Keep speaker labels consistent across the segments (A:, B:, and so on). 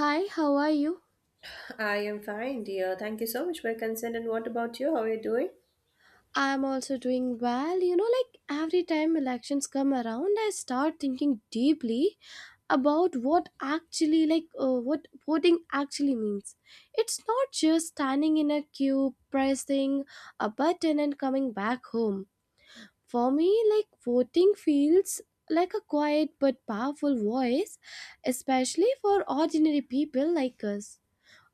A: Hi, how are you?
B: I am fine, dear. Thank you so much for your concern. And what about you? How are you doing?
A: I'm also doing well. You know, like every time elections come around, I start thinking deeply about what actually, like, what voting actually means. It's not just standing in a queue, pressing a button, and coming back home. For me, like, voting feels like a quiet but powerful voice, especially for ordinary people like us.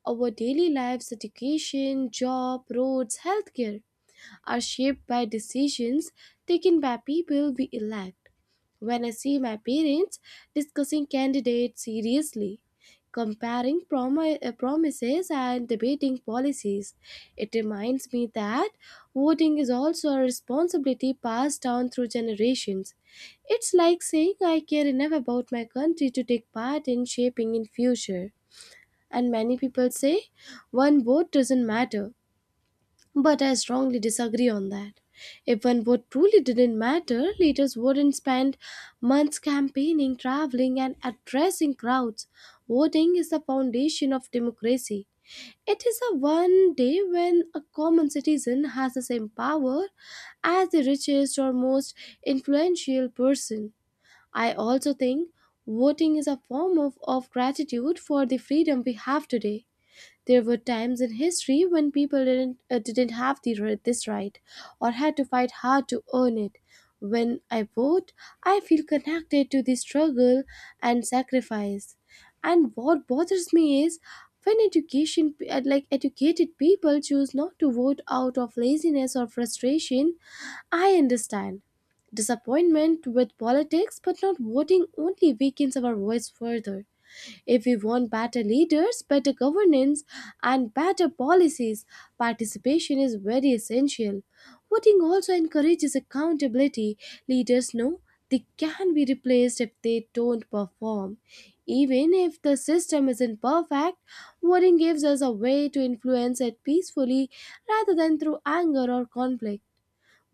A: Our daily lives, education, job, roads, healthcare are shaped by decisions taken by people we elect. When I see my parents discussing candidates seriously, comparing promises and debating policies, it reminds me that voting is also a responsibility passed down through generations. It's like saying I care enough about my country to take part in shaping in future. And many people say one vote doesn't matter, but I strongly disagree on that. If one vote truly didn't matter, leaders wouldn't spend months campaigning, traveling, and addressing crowds. Voting is the foundation of democracy. It is a one day when a common citizen has the same power as the richest or most influential person. I also think voting is a form of gratitude for the freedom we have today. There were times in history when people didn't have the, this right or had to fight hard to earn it. When I vote, I feel connected to the struggle and sacrifice. And what bothers me is when education, like educated people choose not to vote out of laziness or frustration. I understand disappointment with politics, but not voting only weakens our voice further. If we want better leaders, better governance, and better policies, participation is very essential. Voting also encourages accountability. Leaders know they can be replaced if they don't perform. Even if the system isn't perfect, voting gives us a way to influence it peacefully rather than through anger or conflict.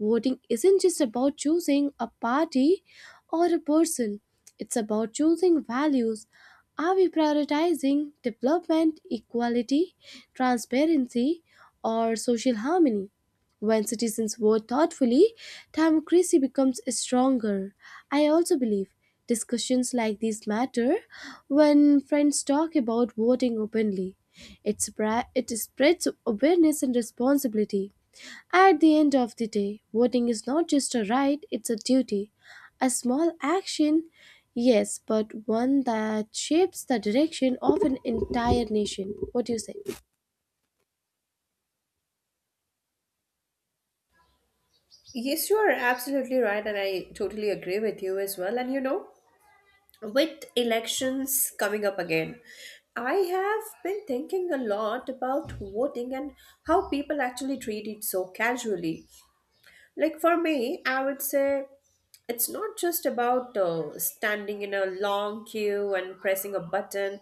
A: Voting isn't just about choosing a party or a person, it's about choosing values. Are we prioritizing development, equality, transparency, or social harmony? When citizens vote thoughtfully, democracy becomes stronger. I also believe discussions like these matter when friends talk about voting openly. It spreads awareness and responsibility. At the end of the day, voting is not just a right, it's a duty. A small action, yes, but one that shapes the direction of an entire nation. What do you say?
B: Yes, you are absolutely right, and I totally agree with you as well. And you know, with elections coming up again, I have been thinking a lot about voting and how people actually treat it so casually. Like for me, I would say it's not just about standing in a long queue and pressing a button.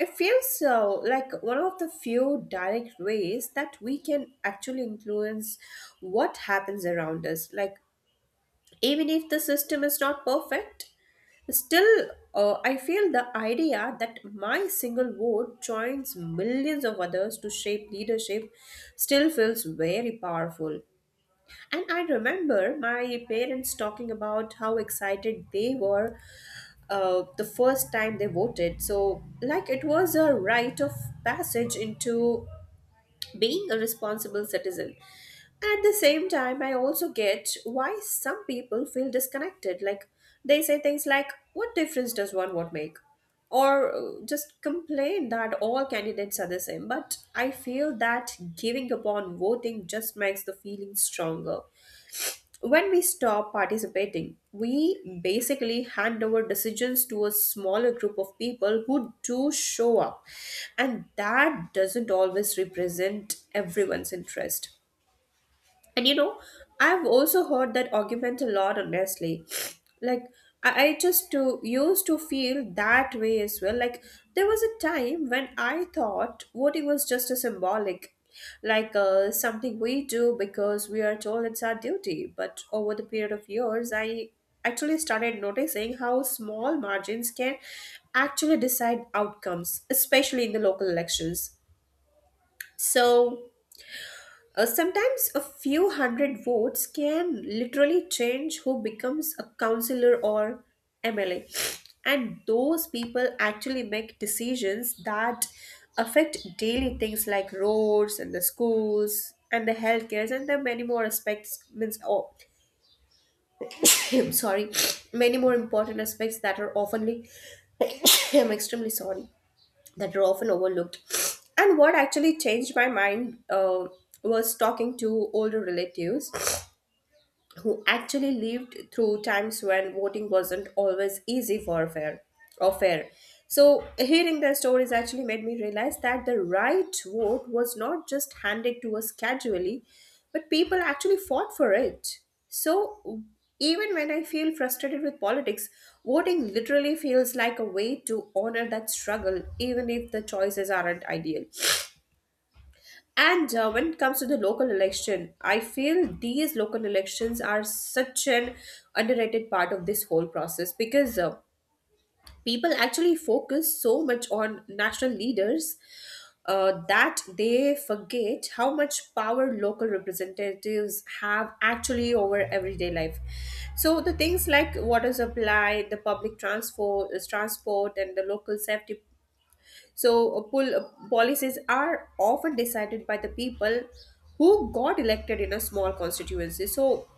B: It feels so like one of the few direct ways that we can actually influence what happens around us. Like, even if the system is not perfect, still, I feel the idea that my single vote joins millions of others to shape leadership still feels very powerful. And I remember my parents talking about how excited they were the first time they voted. So, like, it was a rite of passage into being a responsible citizen. At the same time, I also get why some people feel disconnected. Like, they say things like, "What difference does one vote make?" or just complain that all candidates are the same. But I feel that giving up on voting just makes the feeling stronger. When we stop participating, we basically hand over decisions to a smaller group of people who do show up, and that doesn't always represent everyone's interest. And you know, I've also heard that argument a lot, honestly. Like, used to feel that way as well. Like, there was a time when I thought voting was just a symbolic, something we do because we are told it's our duty. But over the period of years, I actually started noticing how small margins can actually decide outcomes, especially in the local elections. So, Sometimes a few hundred votes can literally change who becomes a councillor or MLA. And those people actually make decisions that affect daily things like roads and the schools and the healthcare and the many more aspects means oh I'm sorry, many more important aspects that are oftenly I'm extremely sorry, that are often overlooked. And what actually changed my mind was talking to older relatives who actually lived through times when voting wasn't always easy for fair or fair. So hearing their stories actually made me realize that the right vote was not just handed to us casually, but people actually fought for it. So even when I feel frustrated with politics, voting literally feels like a way to honor that struggle, even if the choices aren't ideal. And when it comes to the local election, I feel these local elections are such an underrated part of this whole process because people actually focus so much on national leaders that they forget how much power local representatives have actually over everyday life. So the things like water supply, the public transport, and the local safety, so, policies are often decided by the people who got elected in a small constituency. So,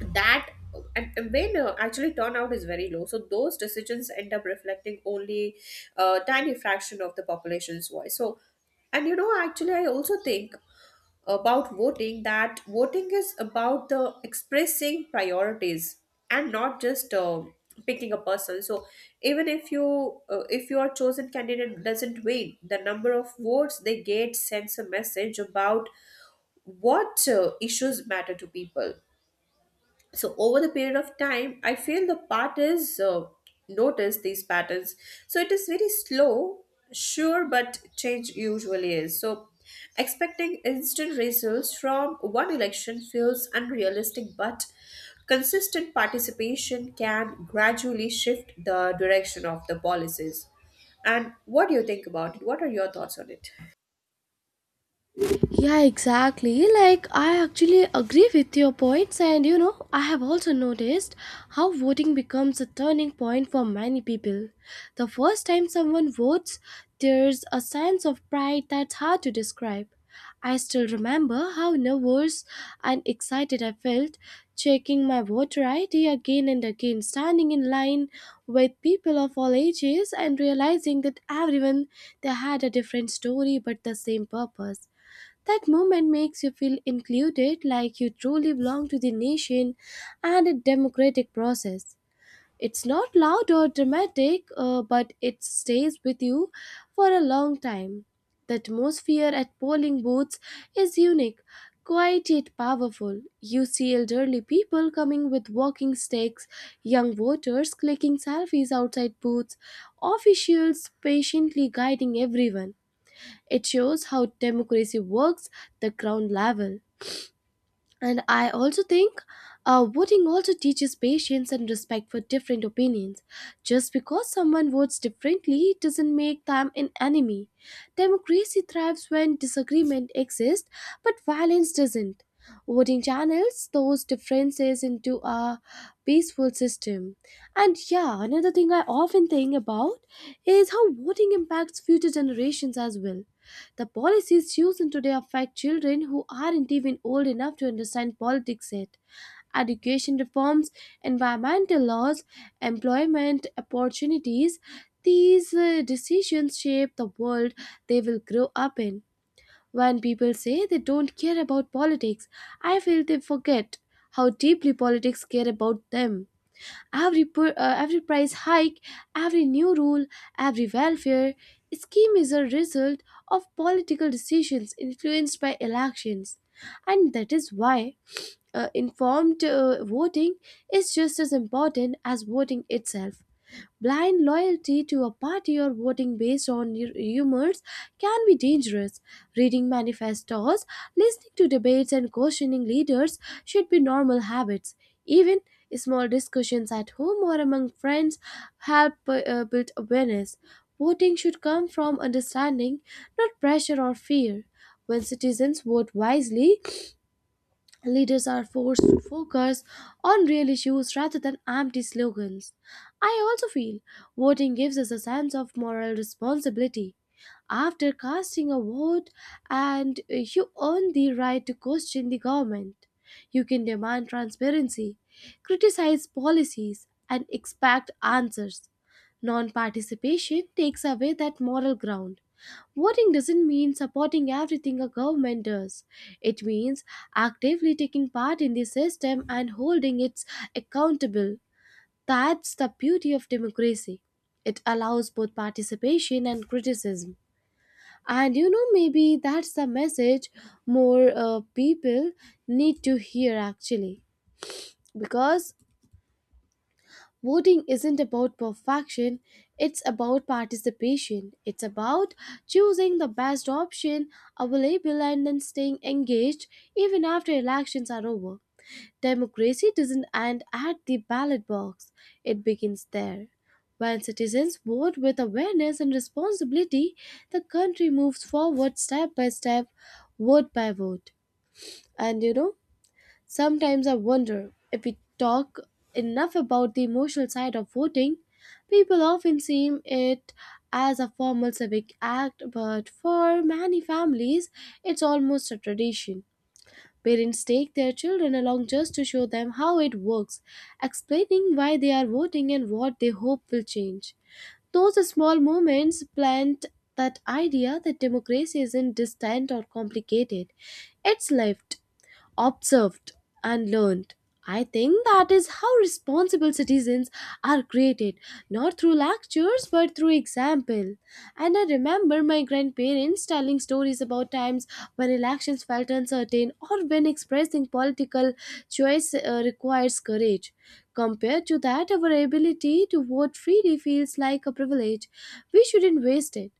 B: that and when actually turnout is very low, so those decisions end up reflecting only a tiny fraction of the population's voice. So, and you know, actually, I also think about voting, that voting is about the expressing priorities and not just picking a person. So even if your chosen candidate doesn't win, the number of votes they get sends a message about what issues matter to people. So over the period of time, I feel the part is notice these patterns. So it is very slow, sure, but change usually is. So expecting instant results from one election feels unrealistic, but consistent participation can gradually shift the direction of the policies. And what do you think about it? What are your thoughts on it?
A: Yeah, exactly. Like, I actually agree with your points, and you know, I have also noticed how voting becomes a turning point for many people. The first time someone votes, there's a sense of pride that's hard to describe. I still remember how nervous and excited I felt checking my voter ID again and again, standing in line with people of all ages and realizing that everyone they had a different story but the same purpose. That moment makes you feel included, like you truly belong to the nation and a democratic process. It's not loud or dramatic, but it stays with you for a long time. The atmosphere at polling booths is unique, quiet yet powerful. You see elderly people coming with walking sticks, young voters clicking selfies outside booths, officials patiently guiding everyone. It shows how democracy works the ground level. And I also think voting also teaches patience and respect for different opinions. Just because someone votes differently doesn't make them an enemy. Democracy thrives when disagreement exists, but violence doesn't. Voting channels those differences into a peaceful system. And yeah, another thing I often think about is how voting impacts future generations as well. The policies chosen today affect children who aren't even old enough to understand politics yet. Education reforms, environmental laws, employment opportunities, these decisions shape the world they will grow up in. When people say they don't care about politics, I feel they forget how deeply politics care about them. Every price hike, every new rule, every welfare scheme is a result of political decisions influenced by elections. And that is why informed voting is just as important as voting itself. Blind loyalty to a party or voting based on rumors can be dangerous. Reading manifestos, listening to debates, and questioning leaders should be normal habits. Even small discussions at home or among friends help build awareness. Voting should come from understanding, not pressure or fear. When citizens vote wisely, leaders are forced to focus on real issues rather than empty slogans. I also feel voting gives us a sense of moral responsibility. After casting a vote, and you earn the right to question the government. You can demand transparency, criticize policies, and expect answers. Non participation takes away that moral ground. Voting doesn't mean supporting everything a government does. It means actively taking part in the system and holding it accountable. That's the beauty of democracy. It allows both participation and criticism. And you know, maybe that's the message more people need to hear actually. Because voting isn't about perfection, it's about participation. It's about choosing the best option available and then staying engaged even after elections are over. Democracy doesn't end at the ballot box, it begins there. When citizens vote with awareness and responsibility, the country moves forward step by step, vote by vote. And you know, sometimes I wonder if we talk enough about the emotional side of voting. People often see it as a formal civic act, but for many families, it's almost a tradition. Parents take their children along just to show them how it works, explaining why they are voting and what they hope will change. Those small moments plant that idea that democracy isn't distant or complicated. It's lived, observed, and learned. I think that is how responsible citizens are created, not through lectures but through example. And I remember my grandparents telling stories about times when elections felt uncertain or when expressing political choice requires courage. Compared to that, our ability to vote freely feels like a privilege. We shouldn't waste it.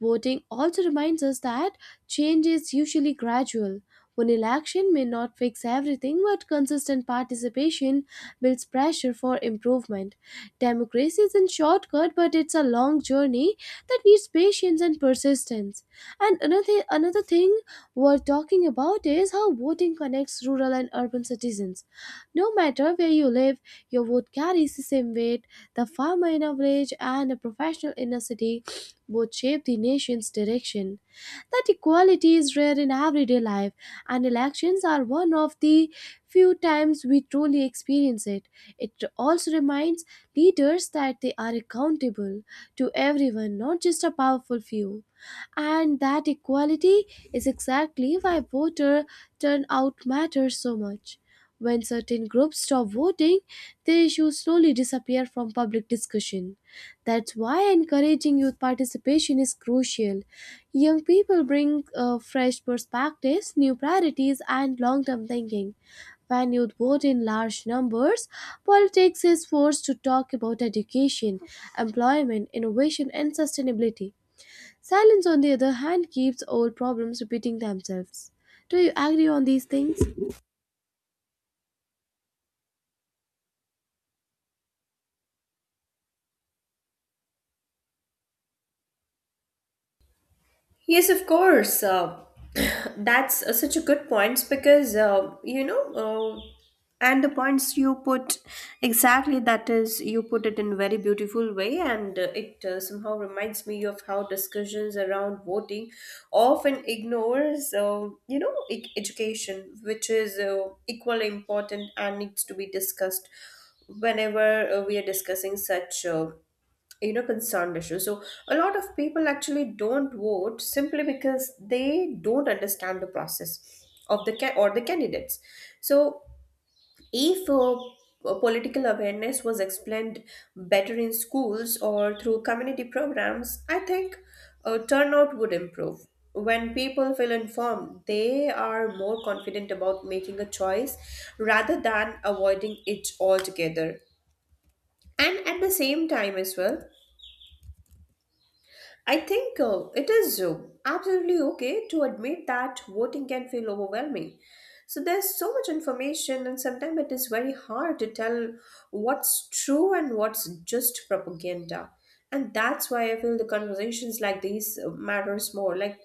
A: Voting also reminds us that change is usually gradual. One election may not fix everything, but consistent participation builds pressure for improvement. Democracy isn't shortcut, but it's a long journey that needs patience and persistence. And another thing worth talking about is how voting connects rural and urban citizens. No matter where you live, your vote carries the same weight. The farmer in a village and a professional in a city both shape the nation's direction. That equality is rare in everyday life, and elections are one of the few times we truly experience it. It also reminds leaders that they are accountable to everyone, not just a powerful few. And that equality is exactly why voter turnout matters so much. When certain groups stop voting, the issue slowly disappears from public discussion. That's why encouraging youth participation is crucial. Young people bring fresh perspectives, new priorities, and long term thinking. When youth vote in large numbers, politics is forced to talk about education, employment, innovation, and sustainability. Silence, on the other hand, keeps old problems repeating themselves. Do you agree on these things?
B: Yes, of course. That's such a good point because you know, and the points you put, exactly, that is, you put it in a very beautiful way, and it somehow reminds me of how discussions around voting often ignores you know, education, which is equally important and needs to be discussed whenever we are discussing such. You know, concerned issue. So a lot of people actually don't vote simply because they don't understand the process of the ca- or the candidates. So if political awareness was explained better in schools or through community programs, I think turnout would improve. When people feel informed, they are more confident about making a choice rather than avoiding it altogether. And at the same time as well, I think it is absolutely okay to admit that voting can feel overwhelming. So there's so much information, and sometimes it is very hard to tell what's true and what's just propaganda. And that's why I feel the conversations like these matters more, like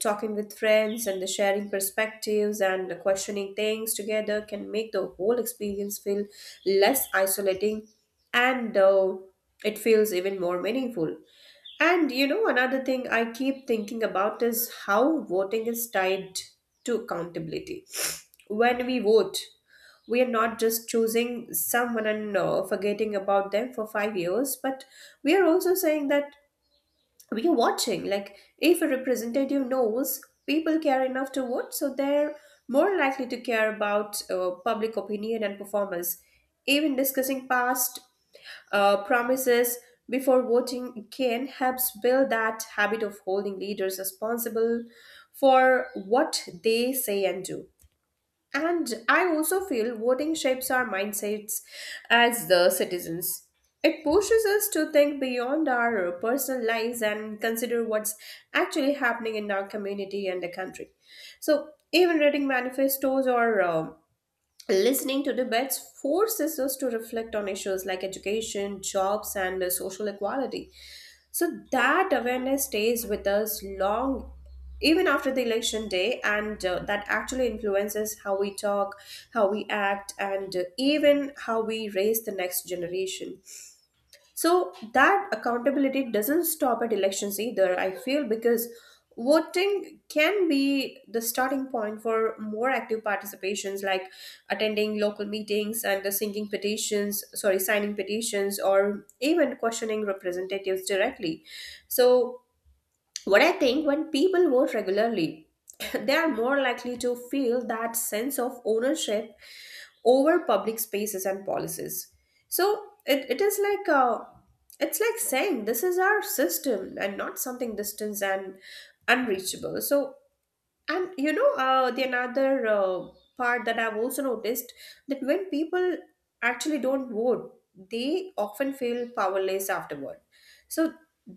B: talking with friends and the sharing perspectives and the questioning things together can make the whole experience feel less isolating, and it feels even more meaningful. And you know, another thing I keep thinking about is how voting is tied to accountability. When we vote, we are not just choosing someone and forgetting about them for 5 years, but we are also saying that we are watching. Like, if a representative knows people care enough to vote, so they're more likely to care about public opinion and performance. Even discussing past promises before voting can help build that habit of holding leaders responsible for what they say and do. And I also feel voting shapes our mindsets as the citizens. It pushes us to think beyond our personal lives and consider what's actually happening in our community and the country. So, even reading manifestos or listening to debates forces us to reflect on issues like education, jobs, and social equality. So that awareness stays with us long, even after the election day, and that actually influences how we talk, how we act, and even how we raise the next generation. So that accountability doesn't stop at elections either, I feel, because voting can be the starting point for more active participations like attending local meetings and the signing petitions or even questioning representatives directly. So what I think, when people vote regularly, they are more likely to feel that sense of ownership over public spaces and policies. So it is like it's like saying this is our system and not something distant and unreachable. So and you know, the another part that I've also noticed, that when people actually don't vote, they often feel powerless afterward. So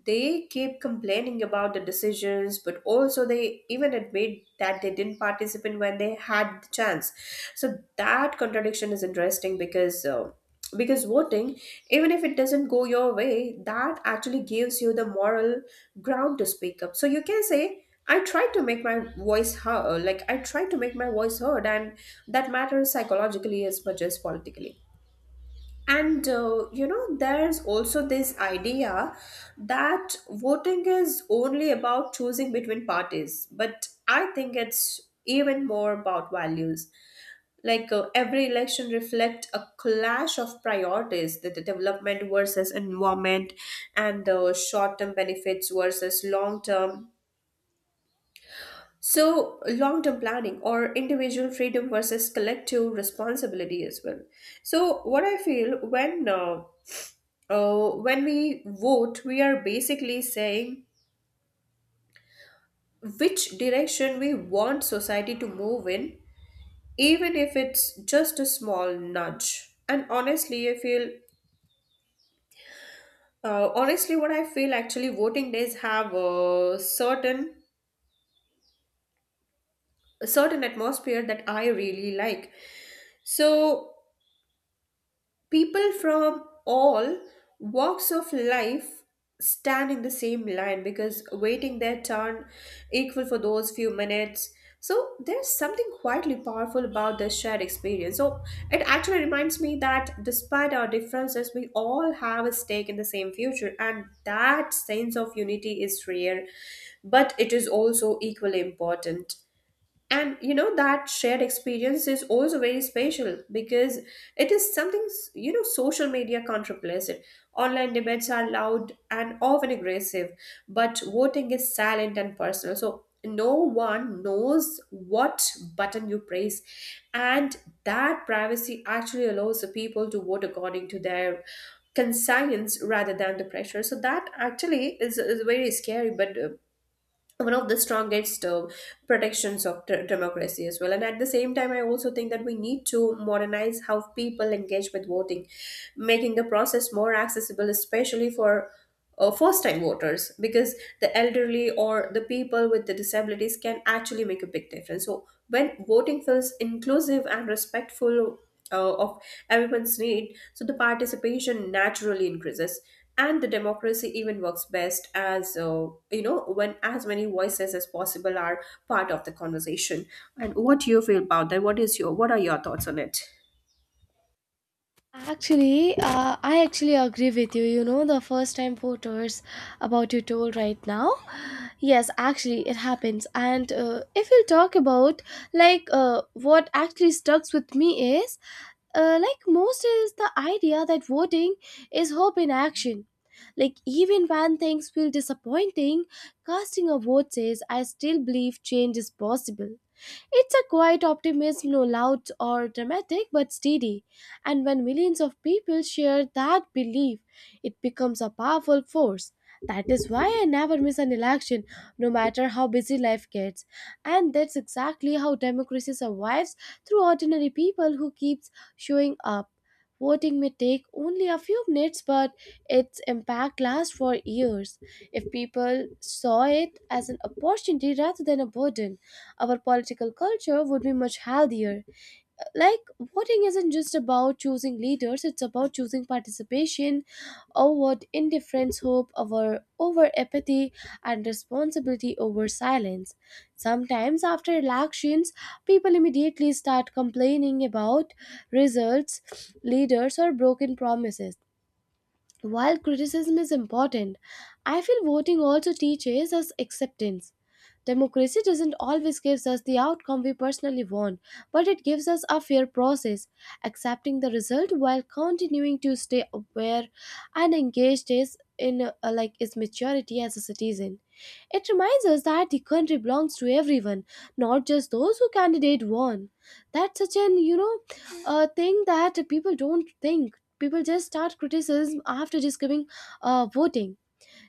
B: they keep complaining about the decisions, but also they even admit that they didn't participate when they had the chance. So that contradiction is interesting, because voting, even if it doesn't go your way, that actually gives you the moral ground to speak up. So you can say, I tried to make my voice heard, and that matters psychologically as much as politically. And you know, there's also this idea that voting is only about choosing between parties, but I think it's even more about values. Like every election reflect a clash of priorities, the development versus environment, and the short-term benefits versus long-term. So long-term planning or individual freedom versus collective responsibility as well. So what I feel, when we vote, we are basically saying which direction we want society to move in, even if it's just a small nudge. And honestly, I feel actually voting days have a certain atmosphere that I really like. So people from all walks of life stand in the same line because waiting their turn equal for those few minutes, so there's something quietly powerful about this shared experience. So it actually reminds me that despite our differences, we all have a stake in the same future, and that sense of unity is rare but it is also equally important. And you know that shared experience is also very special because it is something social media can't replace it. Online debates are loud and often aggressive, but voting is silent and personal, so no one knows what button you press. And that privacy actually allows the people to vote according to their conscience rather than the pressure. So that actually is very scary but one of the strongest protections of democracy as well. And at the same time, I also think that we need to modernize how people engage with voting, making the process more accessible, especially for first time voters, because the elderly or the people with the disabilities can actually make a big difference. So when voting feels inclusive and respectful of everyone's need, so the participation naturally increases, and the democracy even works best as you know, when as many voices as possible are part of the conversation. And what do you feel about that? What is your, what are your thoughts on it?
A: Actually, I actually agree with you. You know, the first time voters about you told right now. Yes, actually, it happens. And if we talk about like what actually stucks with me is like most is the idea that voting is hope in action. Like even when things feel disappointing, casting a vote says I still believe change is possible. It's a quiet optimism, no loud or dramatic, but steady. And when millions of people share that belief, it becomes a powerful force. That is why I never miss an election, no matter how busy life gets. And that's exactly how democracy survives through ordinary people who keeps showing up. Voting may take only a few minutes, but its impact lasts for years. If people saw it as an opportunity rather than a burden, our political culture would be much healthier. Like, voting isn't just about choosing leaders, it's about choosing participation over indifference, hope over apathy, and responsibility over silence. Sometimes, after elections, people immediately start complaining about results, leaders, or broken promises. While criticism is important, I feel voting also teaches us acceptance. Democracy doesn't always give us the outcome we personally want, but it gives us a fair process. Accepting the result while continuing to stay aware and engaged is in like is maturity as a citizen. It reminds us that the country belongs to everyone, not just those who candidate won. That's such an you know thing that people don't think, people just start criticism after discovering voting.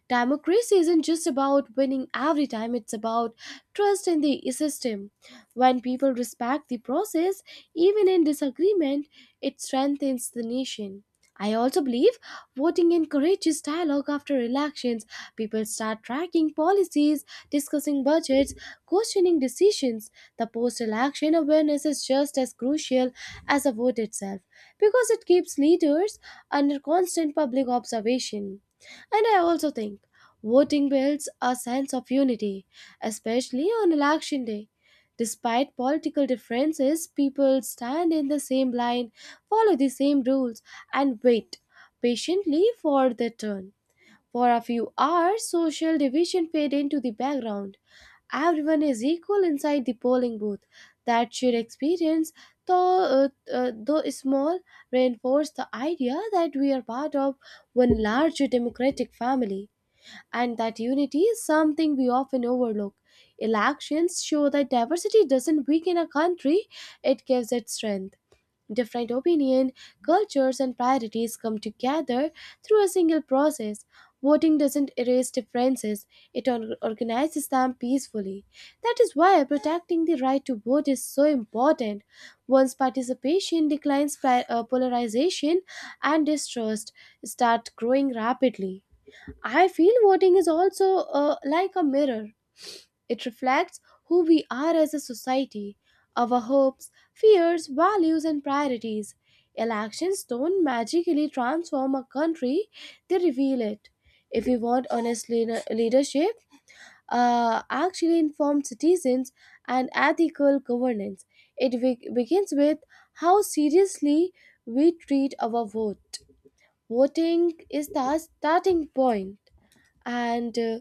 A: Democracy isn't just about winning every time, it's about trust in the system. When people respect the process, even in disagreement, it strengthens the nation. I also believe voting encourages dialogue after elections. People start tracking policies, discussing budgets, questioning decisions. The post election awareness is just as crucial as the vote itself because it keeps leaders under constant public observation. And I also think voting builds a sense of unity, especially on election day. Despite political differences, people stand in the same line, follow the same rules, and wait patiently for their turn. For a few hours, social division fade into the background. Everyone is equal inside the polling booth. That shared experience, though small, reinforced the idea that we are part of one large democratic family, and that unity is something we often overlook. Elections show that diversity doesn't weaken a country, it gives it strength. Different opinion, cultures, and priorities come together through a single process. Voting doesn't erase differences, it organizes them peacefully. That is why protecting the right to vote is so important. Once participation declines, polarization and distrust start growing rapidly. I feel voting is also like a mirror. It reflects who we are as a society, our hopes, fears, values, and priorities. Elections don't magically transform a country, they reveal it. If we want honest leadership, actually informed citizens, and ethical governance, it begins with how seriously we treat our vote. Voting is the starting point, and uh,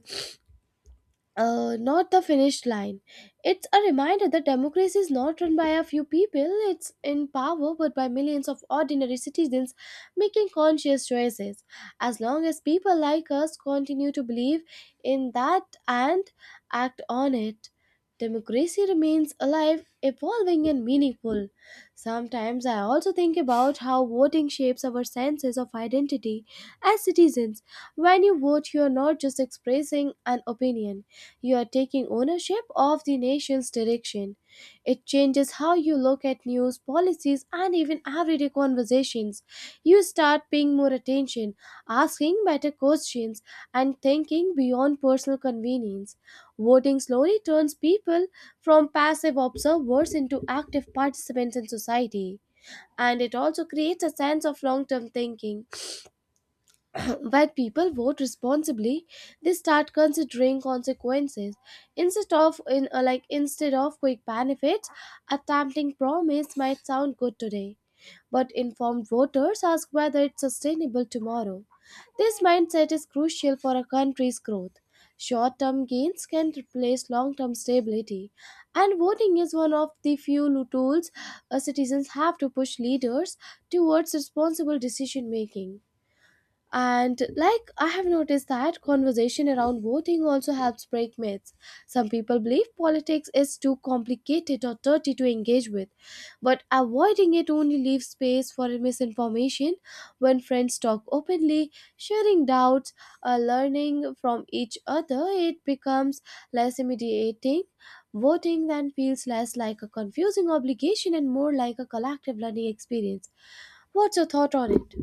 A: uh, not the finish line. It's a reminder that democracy is not run by a few people, it's in power, but by millions of ordinary citizens making conscious choices. As long as people like us continue to believe in that and act on it, democracy remains alive, evolving, and meaningful. Sometimes I also think about how voting shapes our senses of identity as citizens. When you vote, you are not just expressing an opinion, you are taking ownership of the nation's direction. It changes how you look at news, policies, and even everyday conversations. You start paying more attention, asking better questions, and thinking beyond personal convenience. Voting slowly turns people from passive observers into active participants in society. And it also creates a sense of long term thinking. When people vote responsibly, they start considering consequences instead of quick benefits. A tempting promise might sound good today, but informed voters ask whether it's sustainable tomorrow. This mindset is crucial for a country's growth. Short-term gains can replace long-term stability, and voting is one of the few tools citizens have to push leaders towards responsible decision making. And like I have noticed that conversation around voting also helps break myths. Some people believe politics is too complicated or dirty to engage with, but avoiding it only leaves space for misinformation. When friends talk openly, sharing doubts, learning from each other, it becomes less intimidating. Voting then feels less like a confusing obligation and more like a collective learning experience. What's your thought on it?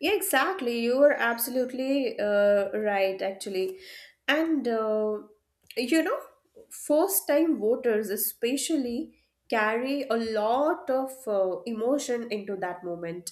B: Yeah, exactly, you are absolutely right actually. And you know, first time voters especially carry a lot of emotion into that moment,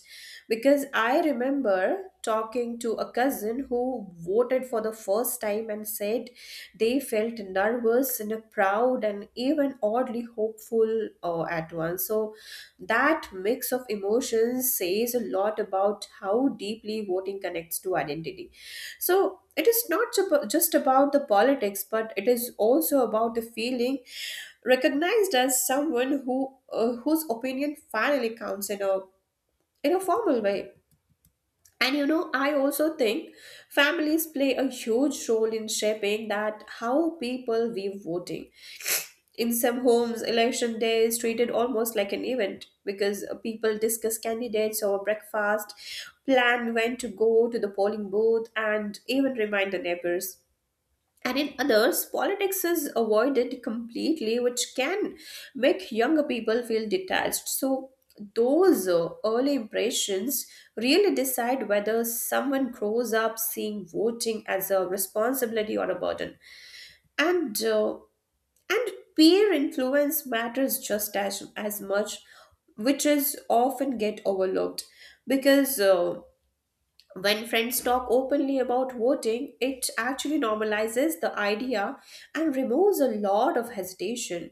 B: because I remember talking to a cousin who voted for the first time and said they felt nervous and proud and even oddly hopeful at once. So that mix of emotions says a lot about how deeply voting connects to identity. So it is not just about the politics, but it is also about the feeling recognized as someone who whose opinion finally counts in a, in a formal way. And you know, I also think families play a huge role in shaping that how people view voting. In some homes, election day is treated almost like an event, because people discuss candidates over breakfast, plan when to go to the polling booth, and even remind the neighbors. And in others, politics is avoided completely, which can make younger people feel detached. So those early impressions really decide whether someone grows up seeing voting as a responsibility or a burden. And uh, and peer influence matters just as much, which is often get overlooked, because when friends talk openly about voting, it actually normalizes the idea and removes a lot of hesitation.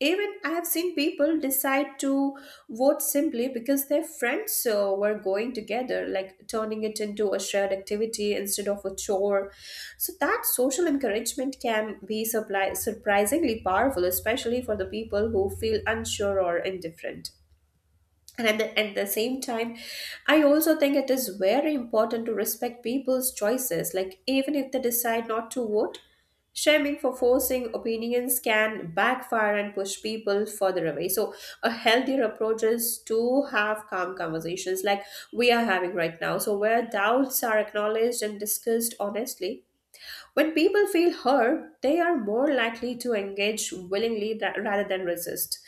B: Even I have seen people decide to vote simply because their friends were going together, like turning it into a shared activity instead of a chore. So that social encouragement can be surprisingly powerful, especially for the people who feel unsure or indifferent. And at the same time, I also think it is very important to respect people's choices. Like, even if they decide not to vote, shaming for forcing opinions can backfire and push people further away. So a healthier approach is to have calm conversations like we are having right now. So, where doubts are acknowledged and discussed honestly. When people feel heard, they are more likely to engage willingly rather than resist.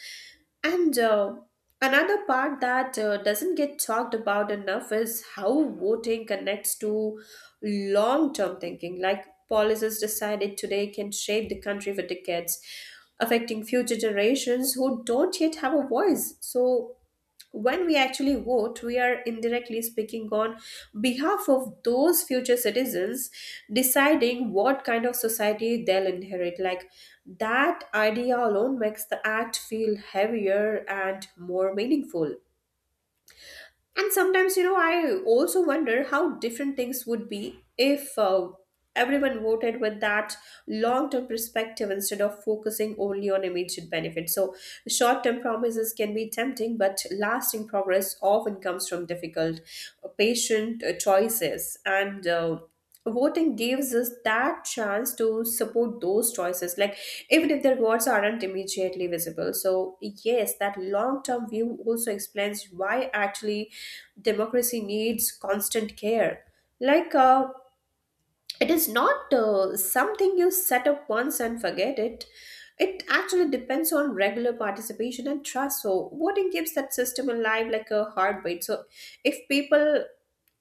B: And another part that doesn't get talked about enough is how voting connects to long term thinking. Like policies decided today can shape the country for decades, affecting future generations who don't yet have a voice. So when we actually vote, we are indirectly speaking on behalf of those future citizens, deciding what kind of society they'll inherit. Like that idea alone makes the act feel heavier and more meaningful. And sometimes, you know, I also wonder how different things would be if everyone voted with that long term perspective instead of focusing only on immediate benefits. So short term promises can be tempting, but lasting progress often comes from difficult, patient choices. And voting gives us that chance to support those choices, like even if the rewards aren't immediately visible. So yes, that long term view also explains why actually democracy needs constant care. Like it is not something you set up once and forget it. It actually depends on regular participation and trust. So voting keeps that system alive like a heartbeat. So if people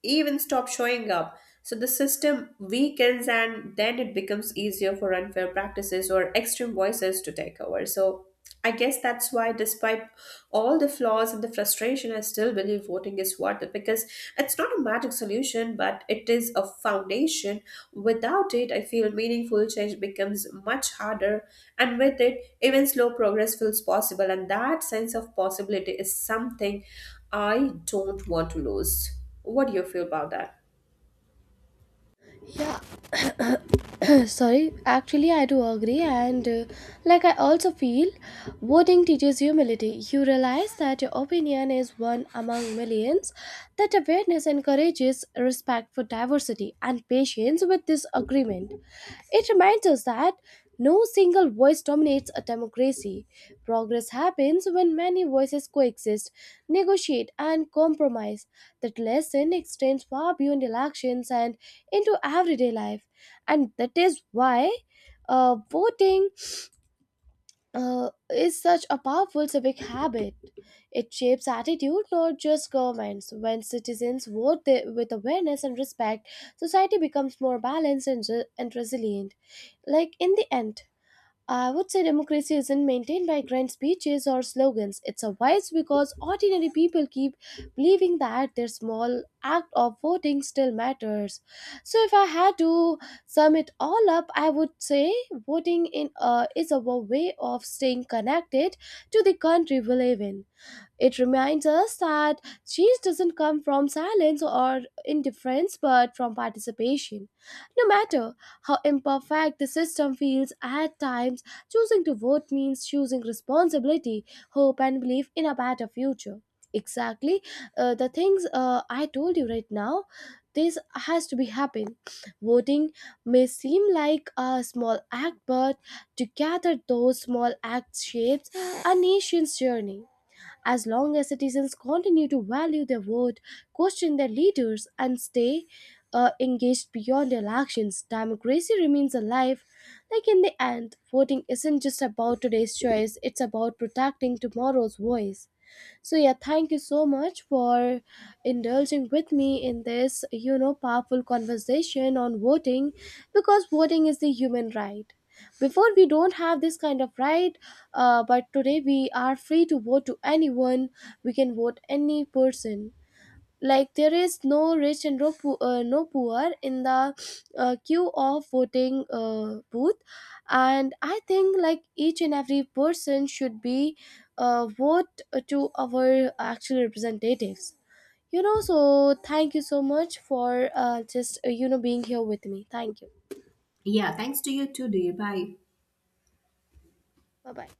B: even stop showing up, so the system weakens, and then it becomes easier for unfair practices or extreme voices to take over. So I guess that's why, despite all the flaws and the frustration, I still believe voting is worth it, because it's not a magic solution, but it is a foundation. Without it, I feel meaningful change becomes much harder, and with it, even slow progress feels possible. And that sense of possibility is something I don't want to lose. What do you feel about that?
A: Yeah, sorry, actually I do agree, and like I also feel voting teaches humility. You realize that your opinion is one among millions. That awareness encourages respect for diversity and patience with disagreement. It reminds us that no single voice dominates a democracy. Progress happens when many voices coexist, negotiate, and compromise. That lesson extends far beyond elections and into everyday life. And that is why voting is such a powerful civic habit. It shapes attitude, not just governments. When citizens vote with awareness and respect, society becomes more balanced and, and resilient. Like in the end, I would say democracy isn't maintained by grand speeches or slogans. It's a vice because ordinary people keep believing that their small act of voting still matters. So, if I had to sum it all up, I would say voting in is a way of staying connected to the country we live in. It reminds us that change doesn't come from silence or indifference, but from participation. No matter how imperfect the system feels at times, choosing to vote means choosing responsibility, hope, and belief in a better future. Exactly, the things I told you right now, this has to be happen. Voting may seem like a small act, but together those small acts shapes a nation's journey. As long as citizens continue to value their vote, question their leaders, and stay engaged beyond elections, democracy remains alive. Like in the end, voting isn't just about today's choice, it's about protecting tomorrow's voice. So yeah, thank you so much for indulging with me in this, you know, powerful conversation on voting, because voting is the human right. Before we don't have this kind of right, but today we are free to vote to anyone. We can vote any person, like there is no rich and no, no poor in the queue of voting booth, and I think like each and every person should be vote to our actual representatives, you know. So thank you so much for just you know, being here with me. Thank you.
B: Yeah, thanks to you too, dear. Bye.
A: Bye bye.